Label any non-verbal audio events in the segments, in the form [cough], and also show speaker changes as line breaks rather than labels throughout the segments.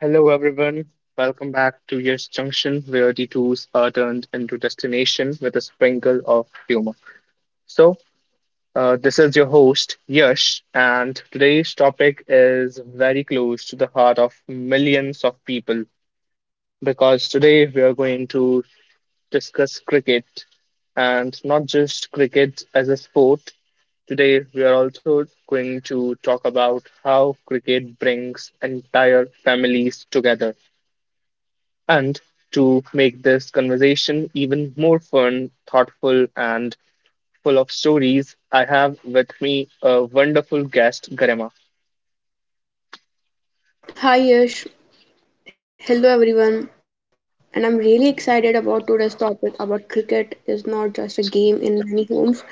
Hello, everyone. Welcome back to Yes Junction, where detours are turned into destination with a sprinkle of humor. So, this is your host, Yash, and today's topic is very close to the heart of millions of people because today we are going to discuss cricket, and not just cricket as a sport. Today, we are also going to talk about how cricket brings entire families together. And to make this conversation even more fun, thoughtful, and full of stories, I have with me a wonderful guest, Garema.
Hi Yash, hello everyone, and I'm really excited about today's topic about cricket is not just a game in many homes.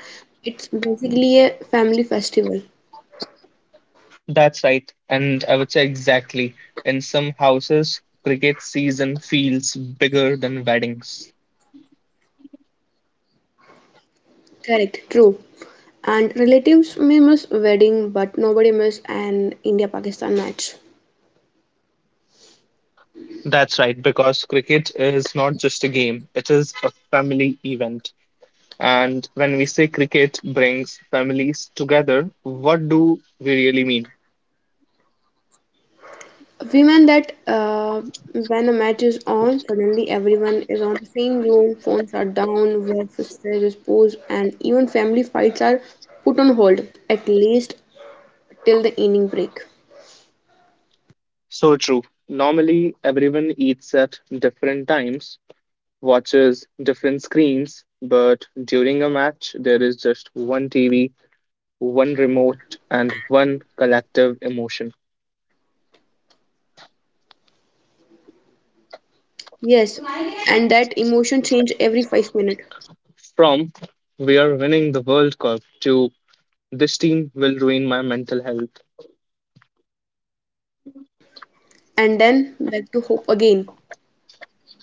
It's basically a family festival.
That's right. And I would say exactly. In some houses, cricket season feels bigger than weddings.
Correct, true. And relatives may miss wedding, but nobody miss an India-Pakistan match.
That's right, because cricket is not just a game, it is a family event. And when we say cricket brings families together, what do we really mean?
We meant that when a match is on, suddenly everyone is on the same room, phones are down, work stress is posed, and even family fights are put on hold, at least till the inning break.
So true. Normally, everyone eats at different times, watches different screens, but during a match, there is just one TV, one remote, and one collective emotion.
Yes, and that emotion change every 5 minutes,
From, we are winning the World Cup, to, this team will ruin my mental health.
and then back to hope again.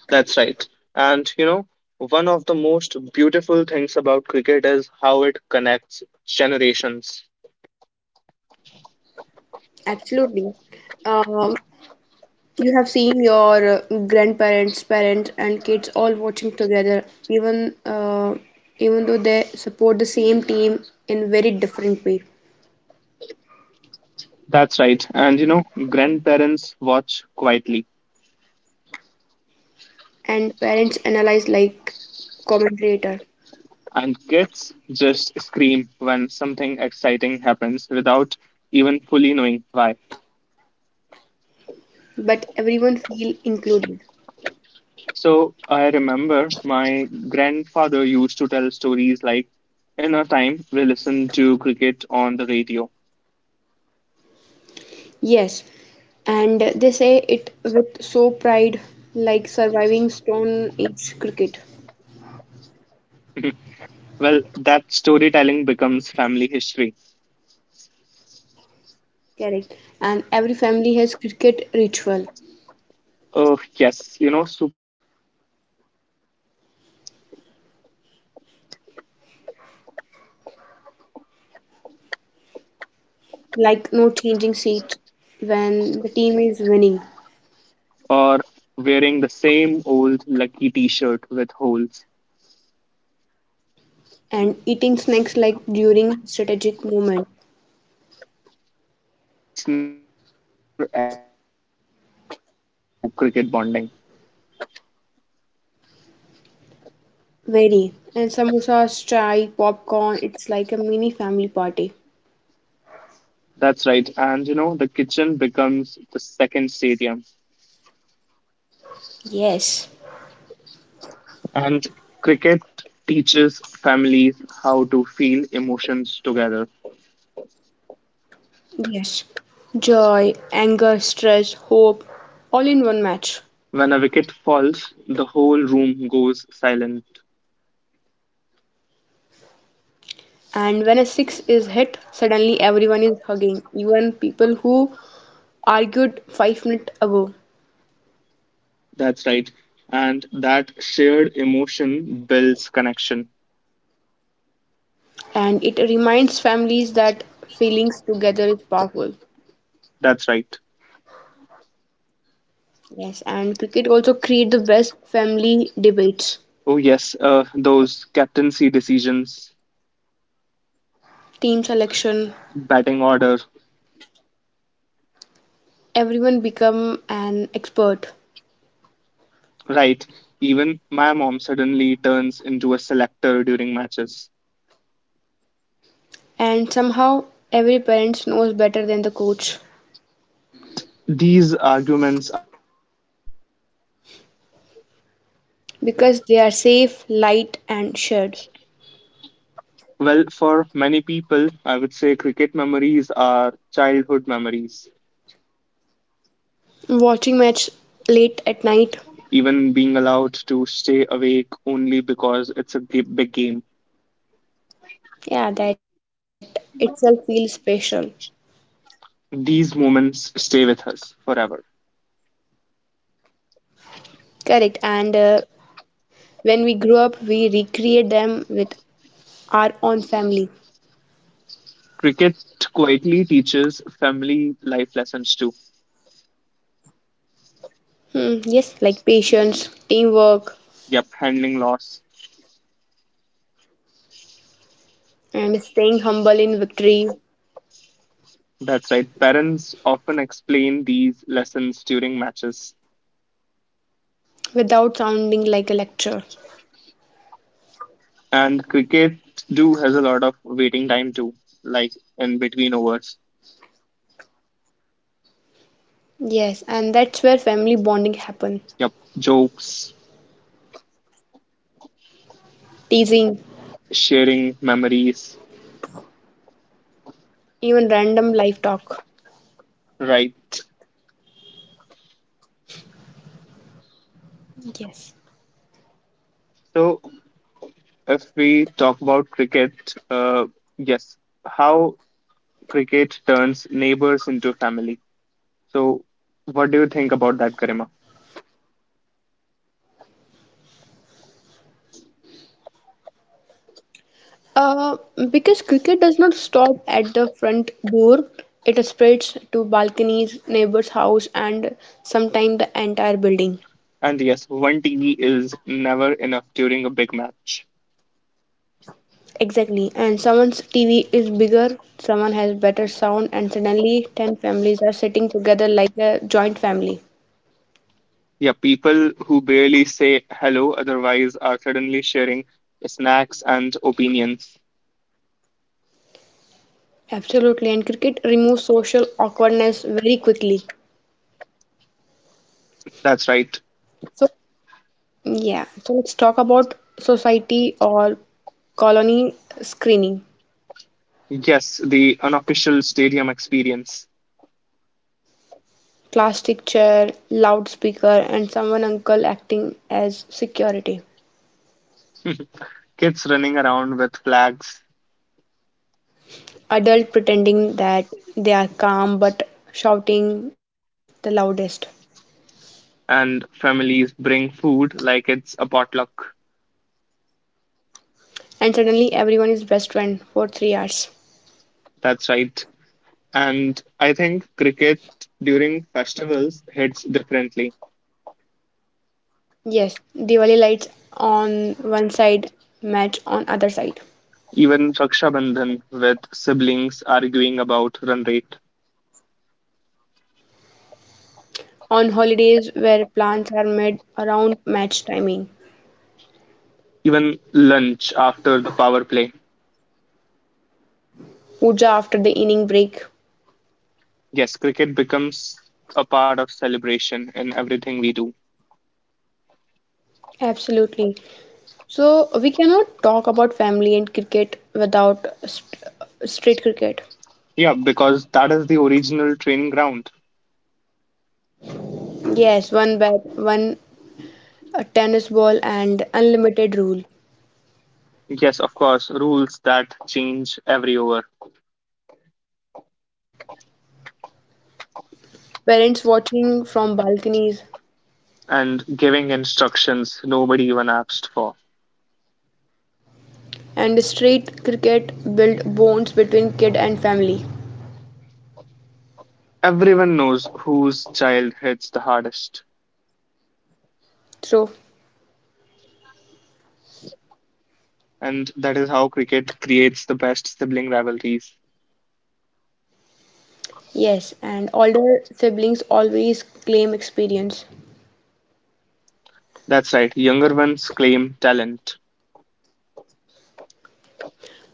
That's right. And you know, one of the most beautiful things about cricket is how it connects generations.
Absolutely. Um, you have seen your grandparents, parents, and kids all watching together, even uh, even though they support the same team in very different way.
That's right. And you know, grandparents watch quietly,
And parents analyze like commentator,
and kids just scream when something exciting happens without even fully knowing why.
but everyone feel included.
So I remember my grandfather used to tell stories like, in our time, we listened to cricket on the radio.
Yes, and they say it with so pride, like surviving Stone Age cricket.
[laughs] Well, that storytelling becomes family history.
Correct. And every family has cricket ritual,
Oh, yes, you know, superstitions included too.
like no changing seats when the team is winning,
Or wearing the same old lucky t shirt with holes.
and eating snacks like during strategic moment.
Well, snacks are actually very important to cricket bonding.
Very. And samosas, chai, popcorn. It's like a mini family party.
That's right. And you know, the kitchen becomes the second stadium.
Yes.
And cricket teaches families how to feel emotions together.
Yes. Joy, anger, stress, hope, all in one match.
When a wicket falls, the whole room goes silent.
And when a six is hit, suddenly everyone is hugging, even people who argued 5 minutes ago.
That's right. And that shared emotion builds connection.
And it reminds families that feelings together is powerful.
That's right.
Yes, and cricket also create the best family debates,
Oh, yes, those captaincy decisions,
team selection,
batting order.
everyone become an expert.
Right, even my mom suddenly turns into a selector during matches.
And somehow every parent knows better than the coach
But these arguments are fun.
because they are safe, light and shared.
Well, for many people, I would say cricket memories are childhood memories,
Watching match late at night,
even being allowed to stay awake only because it's a big big game.
yeah, that itself feels special.
These moments stay with us forever.
Correct. And When we grow up, we recreate them with our own family.
Cricket quietly teaches family life lessons too.
Hmm, yes, like patience, teamwork,
Yep, handling loss.
and staying humble in victory
That's right. Parents often explain these lessons during matches.
without sounding like a lecture.
And cricket do has a lot of waiting time too, like in between overs.
Yes, and that's where family bonding happens.
Yep, jokes,
Teasing,
sharing memories,
even random life talk.
right?
Yes.
So if we talk about cricket, uh, yes, how cricket turns neighbors into family. So what do you think about that, Karima?
Uh, because cricket does not stop at the front door, it spreads to balconies, neighbor's house, and sometimes the entire building.
And yes, one TV is never enough during a big match.
Exactly. And someone's TV is bigger, someone has better sound, and suddenly 10 families are sitting together like a joint family.
Yeah, people who barely say hello otherwise are suddenly sharing snacks and opinions.
Absolutely. And cricket removes social awkwardness very quickly.
That's right.
So, yeah. So, let's talk about society or colony screening.
Yes, the unofficial stadium experience.
Plastic chair, loudspeaker, and someone uncle acting as security.
Kids running around with flags,
Adult pretending that they are calm but shouting the loudest.
and families bring food like it's a potluck.
And suddenly everyone is best friend for 3 hours.
That's right. And I think cricket during festivals hits differently.
Yes, Diwali lights on one side, match on other side.
Even Raksha Bandhan with siblings arguing about run rate.
On holidays where plans are made around match timing,
Even lunch after the power play.
puja after the inning break.
Yes, cricket becomes a part of celebration in everything we do.
Absolutely. So we cannot talk about family and cricket without street cricket.
Yeah, because that is the original training ground.
Yes, one bat, one tennis ball, and unlimited rule.
Yes, of course, rules that change every over,
Parents watching from balconies,
and giving instructions nobody even asked for.
and street cricket build bonds between kid and family.
Everyone knows whose child hits the hardest,
So,
and that is how cricket creates the best sibling rivalries.
yes, and older siblings always claim experience.
That's right, younger ones claim talent.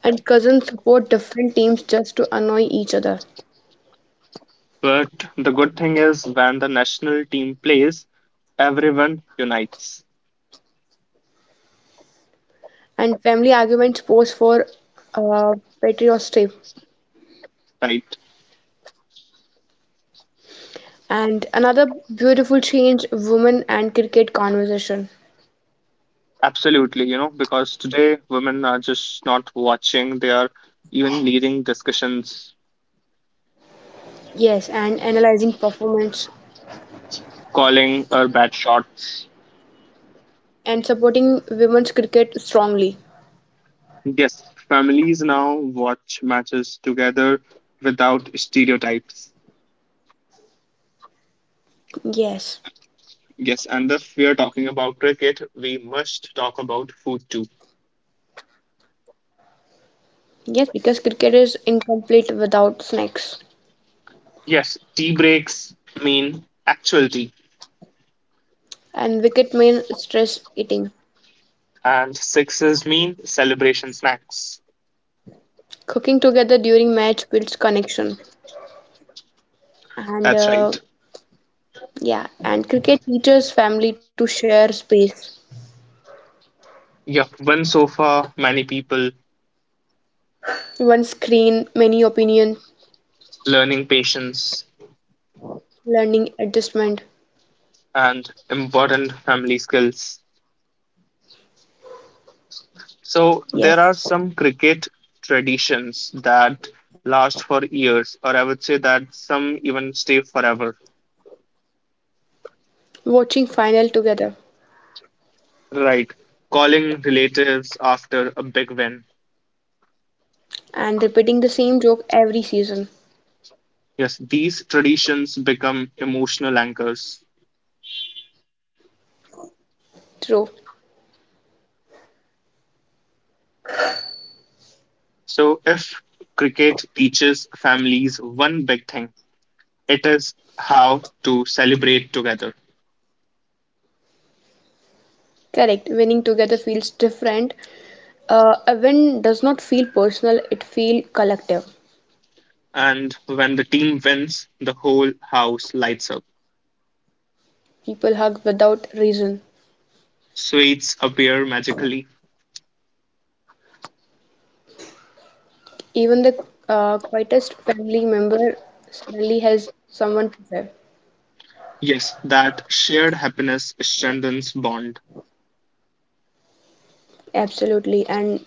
And cousins support different teams just to annoy each other.
But the good thing is, when the national team plays, everyone unites,
And family arguments pose for uh, patriotism.
right?
And another beautiful change women and cricket conversation.
Absolutely, you know, because today women are just not watching, they are even leading discussions,
Yes, and analyzing performance
calling our bad shots.
and supporting women's cricket strongly.
Yes, families now watch matches together without stereotypes.
Yes.
Yes, and if we are talking about cricket, we must talk about food too.
Yes, because cricket is incomplete without snacks.
Yes, tea breaks mean actual tea,
And wicket means stress eating.
and sixes mean celebration snacks.
Cooking together during match builds connection. And
That's
uh,
right.
yeah, and cricket teaches family to share space.
Yeah, one sofa, many people,
One screen, many opinions.
learning patience,
Learning adjustment.
and important family skills. So there are
Yes.
some cricket traditions that last for years, or I would say that some even stay forever.
Watching final together
Right. Calling relatives after a big win.
and repeating the same joke every season.
Yes, these traditions become emotional anchors.
True.
So if cricket teaches families one big thing, it is how to celebrate together.
Correct. Winning together feels different. A win does not feel personal, it feels collective.
And when the team wins, the whole house lights up.
People hug without reason.
Sweets appear magically.
Even the quietest family member suddenly has someone to share.
Yes, that shared happiness strengthens bond.
Absolutely. And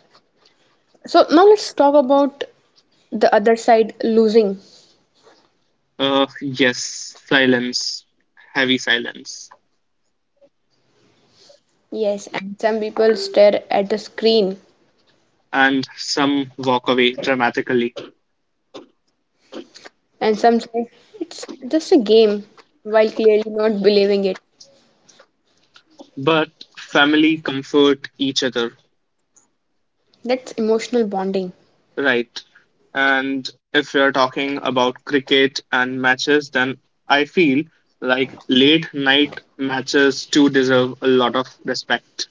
so now let's talk about the other side losing.
Yes, silence, heavy silence,
Yes, and some people stare at the screen
and some walk away dramatically.
and some say it's just a game while clearly not believing it.
But family comfort each other,
That's emotional bonding.
right? And if we are talking about cricket and matches, then I feel like late night matches too deserve a lot of respect.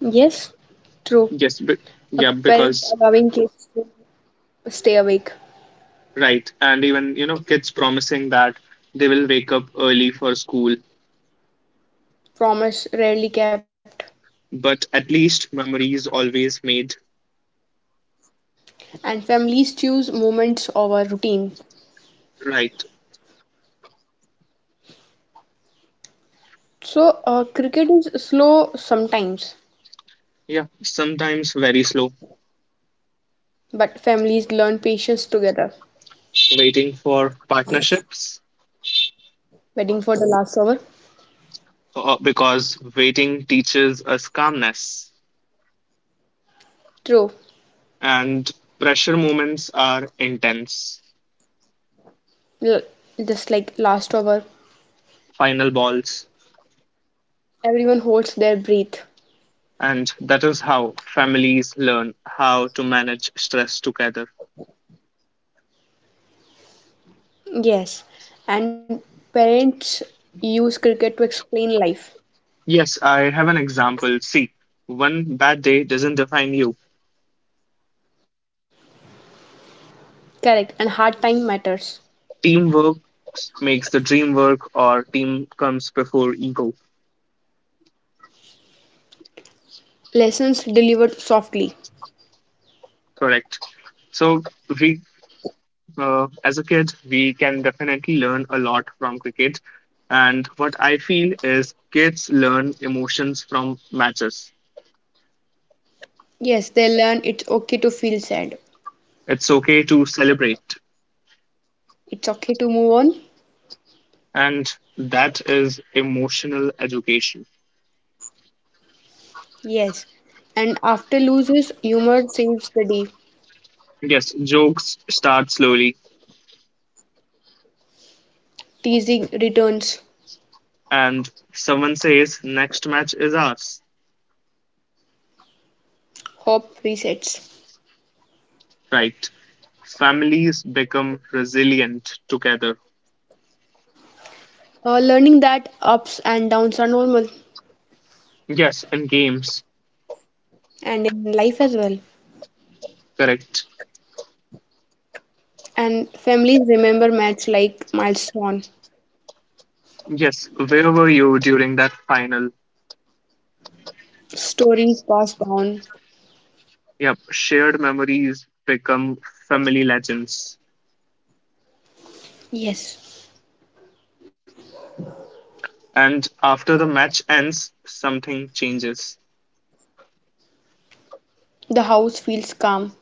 Yes, true.
Yes, be-
A
yeah,
parent
because,
allowing kids to stay awake,
right. And even, you know, kids promising that they will wake up early for school,
promise rarely kept,
but at least memories always made,
and families choose moments over routine.
right.
So, cricket is slow sometimes,
Yeah. Sometimes very slow.
but families learn patience together.
Waiting for partnerships,
Waiting for the last over.
because waiting teaches us calmness.
True.
And pressure moments are intense,
L- just like last over,
final balls.
everyone holds their breath.
And that is how families learn how to manage stress together.
Yes. And parents use cricket to explain life.
Yes, I have an example. See, one bad day doesn't define you.
Correct. And hard time matters.
Teamwork makes the dream work, or team comes before ego.
Lessons delivered softly.
Correct. So we, as a kid, we can definitely learn a lot from cricket. And what I feel is kids learn emotions from matches.
Yes, they learn it's okay to feel sad.
It's okay to celebrate,
It's okay to move on.
and that is emotional education.
Yes. And after loses, humor saves the day.
Yes, jokes start slowly,
Teasing returns.
and someone says, next match is ours,
Hope resets.
right? Families become resilient together.
Learning that ups and downs are normal
Yes, in games.
and in life as well.
Correct.
And families remember match like milestone,
Yes, where were you during that final?
stories passed down.
Yep, shared memories become family legends.
Yes,
And after the match ends, something changes.
the house feels calm.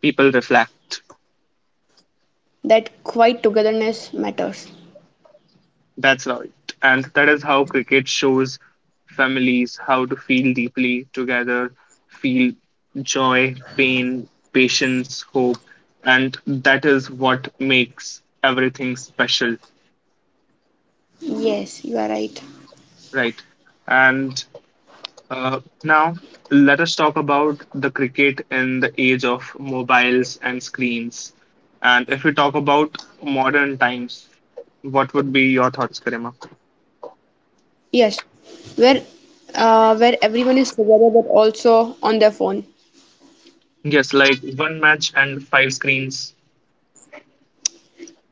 People reflect.
That quiet togetherness matters.
That's right. And that is how cricket shows families how to feel deeply together, feel joy, pain, patience, hope. And that is what makes everything special,
Yes, you are right.
right? And now, let us talk about the cricket in the age of mobiles and screens. And if we talk about modern times, what would be your thoughts, Karima?
Yes, where where everyone is together but also on their phone.
Yes, like one match and five screens,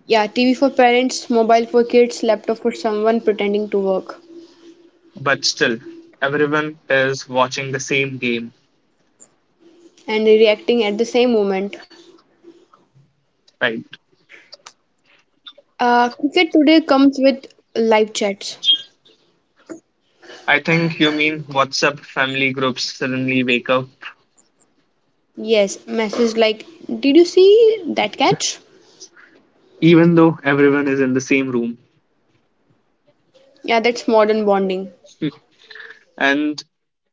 Yeah, TV for parents, mobile for kids, laptop for someone pretending to work
but still, everyone is watching the same game,
and reacting at the same moment.
right?
Cricket Today comes with live chats.
I think you mean WhatsApp family groups suddenly wake up,
Yes, messages like, did you see that catch?
even though everyone is in the same room.
Yeah, that's modern bonding.
And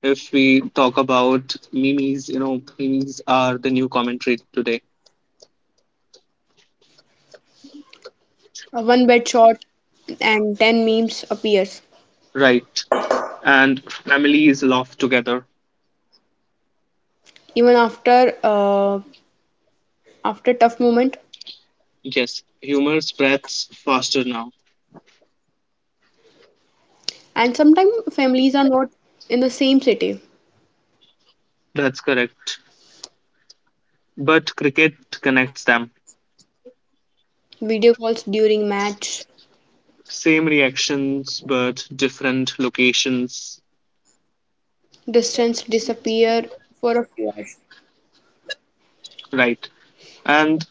if we talk about memes, you know, memes are the new commentary today,
A one bad shot and 10 memes appears,
right? And families laugh together.
even after tough moment.
Yes, humor spreads faster now.
And sometimes families are not in the same city.
That's correct. But cricket connects them.
Video calls during match,
Same reactions, but different locations,
distance disappear for a few hours.
right? And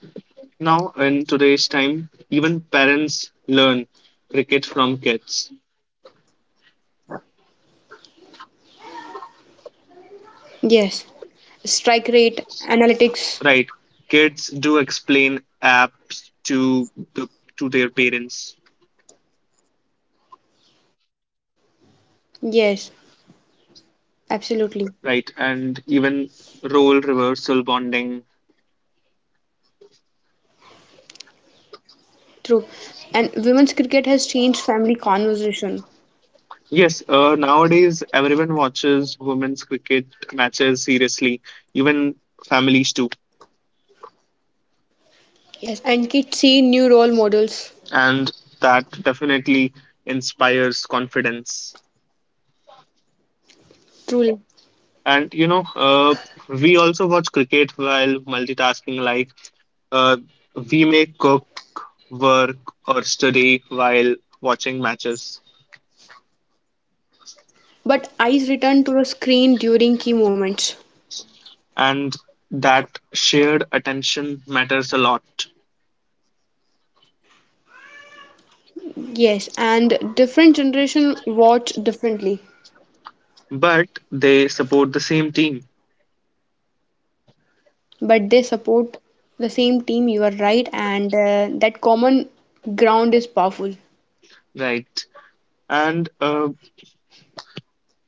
now, in today's time, even parents learn cricket from kids.
Yes, strike rate, analytics.
Right. Kids do explain apps to the to their parents,
Yes, absolutely.
right? And even role reversal bonding.
True. And women's cricket has changed family conversation.
Yes, nowadays everyone watches women's cricket matches seriously, even families too.
Yes, and kids see new role models.
And that definitely inspires confidence.
Truly.
And you know, we also watch cricket while multitasking, like uh, we may cook, work, or study while watching matches.
But eyes return to the screen during key moments.
And that shared attention matters a lot.
Yes, and different generation watch differently.
But they support the same team,
But they support the same team, you are right. And that common ground is powerful.
right? And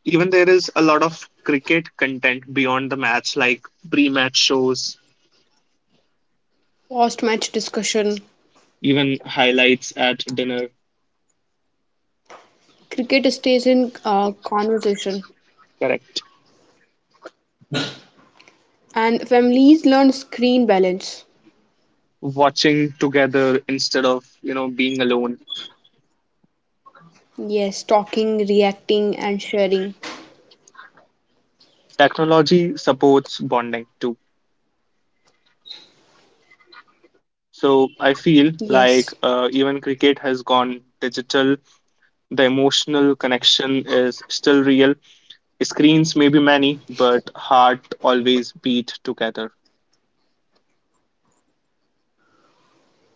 even there is a lot of cricket content beyond the match, like pre match shows,
Post match discussion.
even highlights at dinner,
Cricket stays in conversation.
correct?
And families learn screen balance.
Watching together instead of, you know, being alone.
Yes, talking, reacting, and sharing.
Technology supports bonding too. So I feel
Yes,
like even cricket has gone digital. The emotional connection is still real. Screens may be many, but heart always beat together.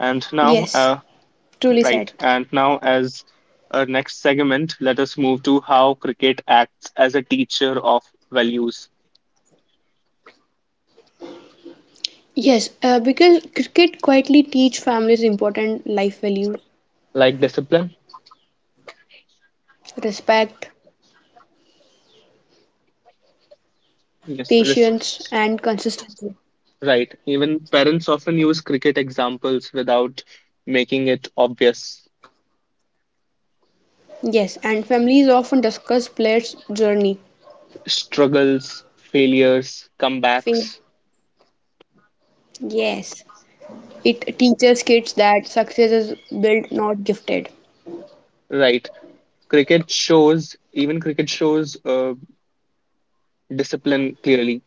And now, uh,
truly said.
right, and now as our next segment, let us move to how cricket acts as a teacher of values
Yes, because cricket quietly teach families important life values,
like discipline.
respect,
Yes, res-
patience, and consistency.
right. Even parents often use cricket examples without making it obvious.
Yes, and families often discuss players' journey.
Struggles, failures,
Fame.
comebacks,
Yes, it teaches kids that success is built, not gifted.
right. Cricket shows discipline clearly,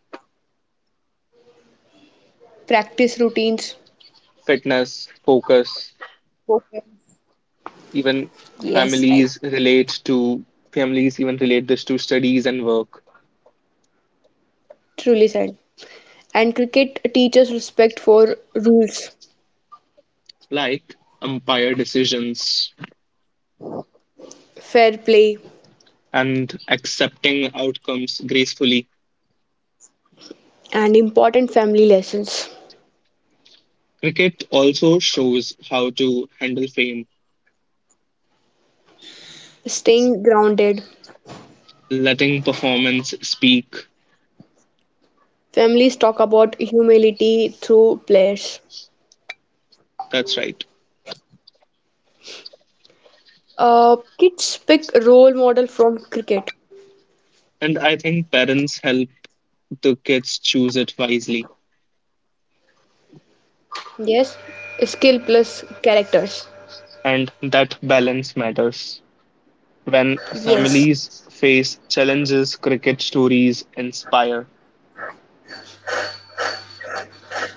Practice routines.
fitness, focus,
Okay.
even
Yes, right.
families relate to families even relate this to studies and work,
Truly said. And cricket teaches respect for rules,
like umpire decisions
fair play,
and accepting outcomes gracefully.
and important family lessons.
Cricket also shows how to handle fame,
Staying grounded.
letting performance speak.
Families talk about humility through players.
That's right.
Kids pick role model from cricket.
And I think parents help the kids choose it wisely.
Yes. Skill plus characters.
And that balance matters. When
Yes.
families face challenges, cricket stories inspire.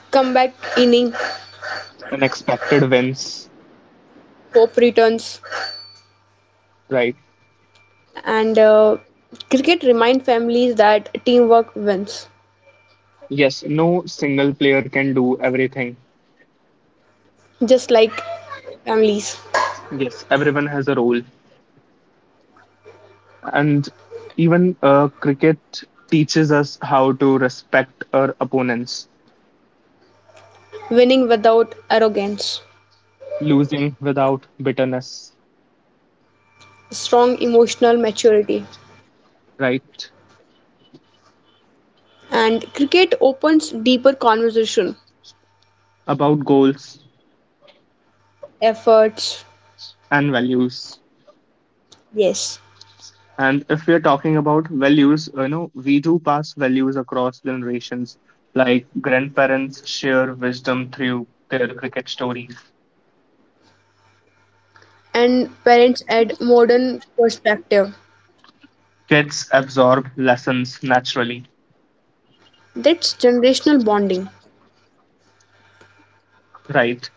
Comeback inning,
Unexpected wins,
hope returns,
right?
and cricket remind families that teamwork wins,
Yes, no single player can do everything.
just like families.
Yes, everyone has a role. And even cricket teaches us how to respect our opponents,
Winning without arrogance.
losing without bitterness,
Strong emotional maturity.
right?
And cricket opens deeper conversation
About goals
efforts.
and values.
Yes,
And if we are talking about values, you know, we do pass values across generations, like grandparents share wisdom through their cricket stories,
and parents add modern perspective.
kids absorb lessons naturally,
That's generational bonding.
right?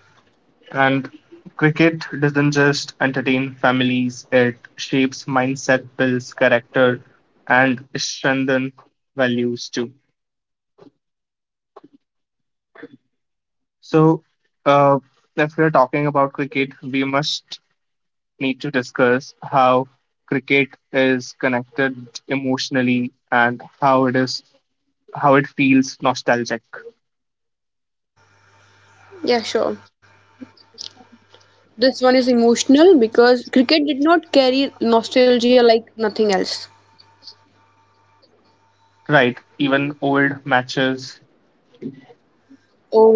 And cricket doesn't just entertain families, it shapes mindset, builds character, and strengthens values too. So, uh, if we're talking about cricket, we must need to discuss how cricket is connected emotionally, and how it is how it feels nostalgic,
Yeah, sure. This one is emotional because cricket did not carry nostalgia like nothing else.
right, even old matches,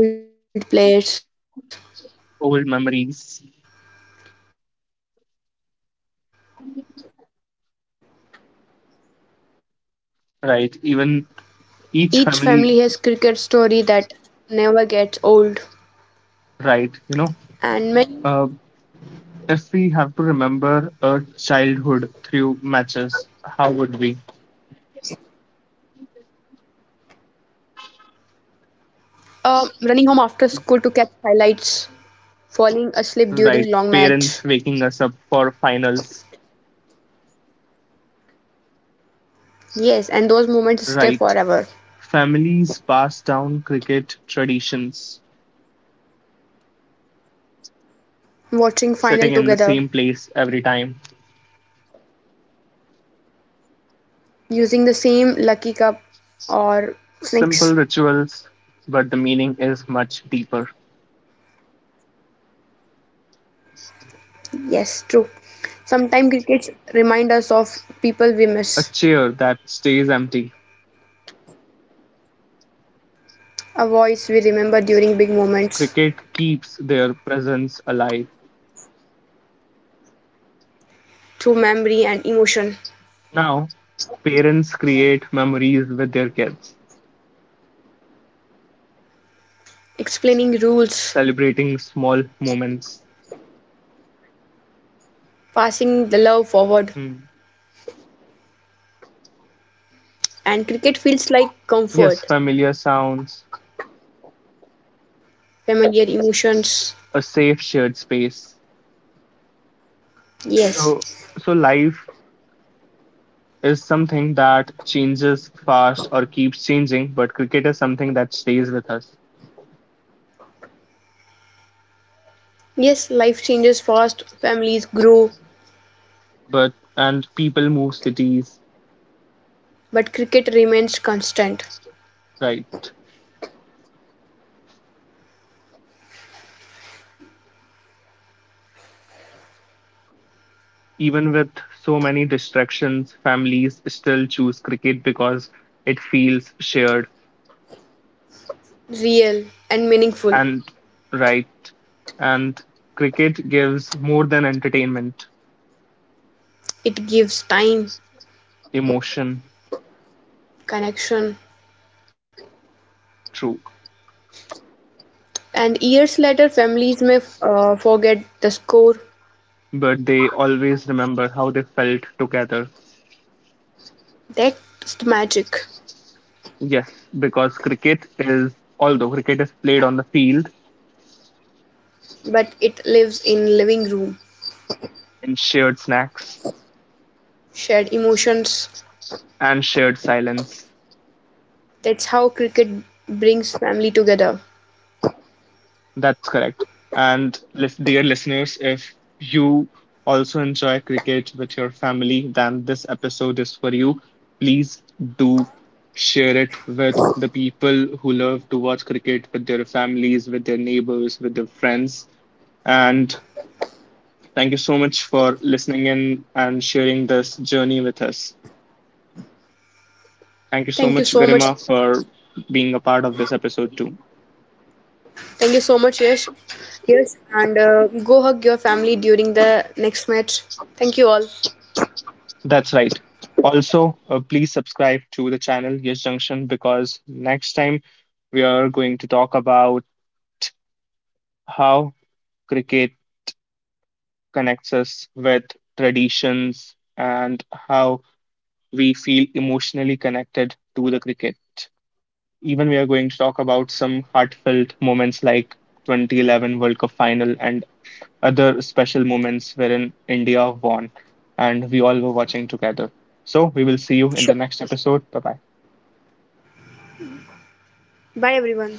Old players,
old memories,
each family has cricket story that never gets old.
right, even
And
each
many
family, right. You know, uh, if we have to remember a childhood through matches, how would we?
running home after school to catch highlights, falling asleep during long
Right,
match.
parents waking us up for finals.
Yes, and those moments stay
Right,
forever.
families pass down cricket traditions,
Watching final
sitting in the
together,
same place every time.
using the same lucky cup or snakes.
Simple rituals, but the meaning is much deeper.
Yes, true. Sometimes crickets remind us of people we miss,
A chair that stays empty.
a voice we remember during big moments
Cricket keeps their presence alive.
through memory and emotion,
Now, parents create memories with their kids,
explaining rules,
celebrating small moments.
passing the love forward.
Hmm.
And cricket feels like comfort,
Yes, familiar sounds,
familiar emotions.
a safe shared space.
Yes,
So, so life is something that changes fast or keeps changing, but cricket is something that stays with us.
yes, life changes fast, families grow,
But and people move cities,
but cricket remains constant,
right? Even with so many distractions, families still choose cricket because it feels shared
real, and meaningful.
and right. And cricket gives more than entertainment,
It gives time,
emotion.
connection,
True,
and years later, families may forget the score.
but they always remember how they felt together.
That's the magic,
Yes, because cricket is, although cricket is played on the field,
but it lives in living room,
in shared snacks
shared emotions.
and shared silence.
That's how cricket brings family together.
That's correct. And dear listeners, if you also enjoy cricket with your family, then this episode is for you. Please do share it with the people who love to watch cricket with their families, with their neighbors, with their friends. And thank you so much for listening in and sharing this journey with us. Thank you so
Thank you
much,
so much.
Garima, for being a part of this episode too.
Thank you so much, yes. Yes, and go hug your family during the next match. Thank you all.
That's right. Also, please subscribe to the channel Yes Junction, because next time we are going to talk about how cricket connects us with traditions, and how we feel emotionally connected to the cricket. Even we are going to talk about some heartfelt moments like 2011 World Cup final and other special moments wherein India won and we all were watching together. So we will see you in
Sure.
the next episode. Bye bye.
Bye, everyone.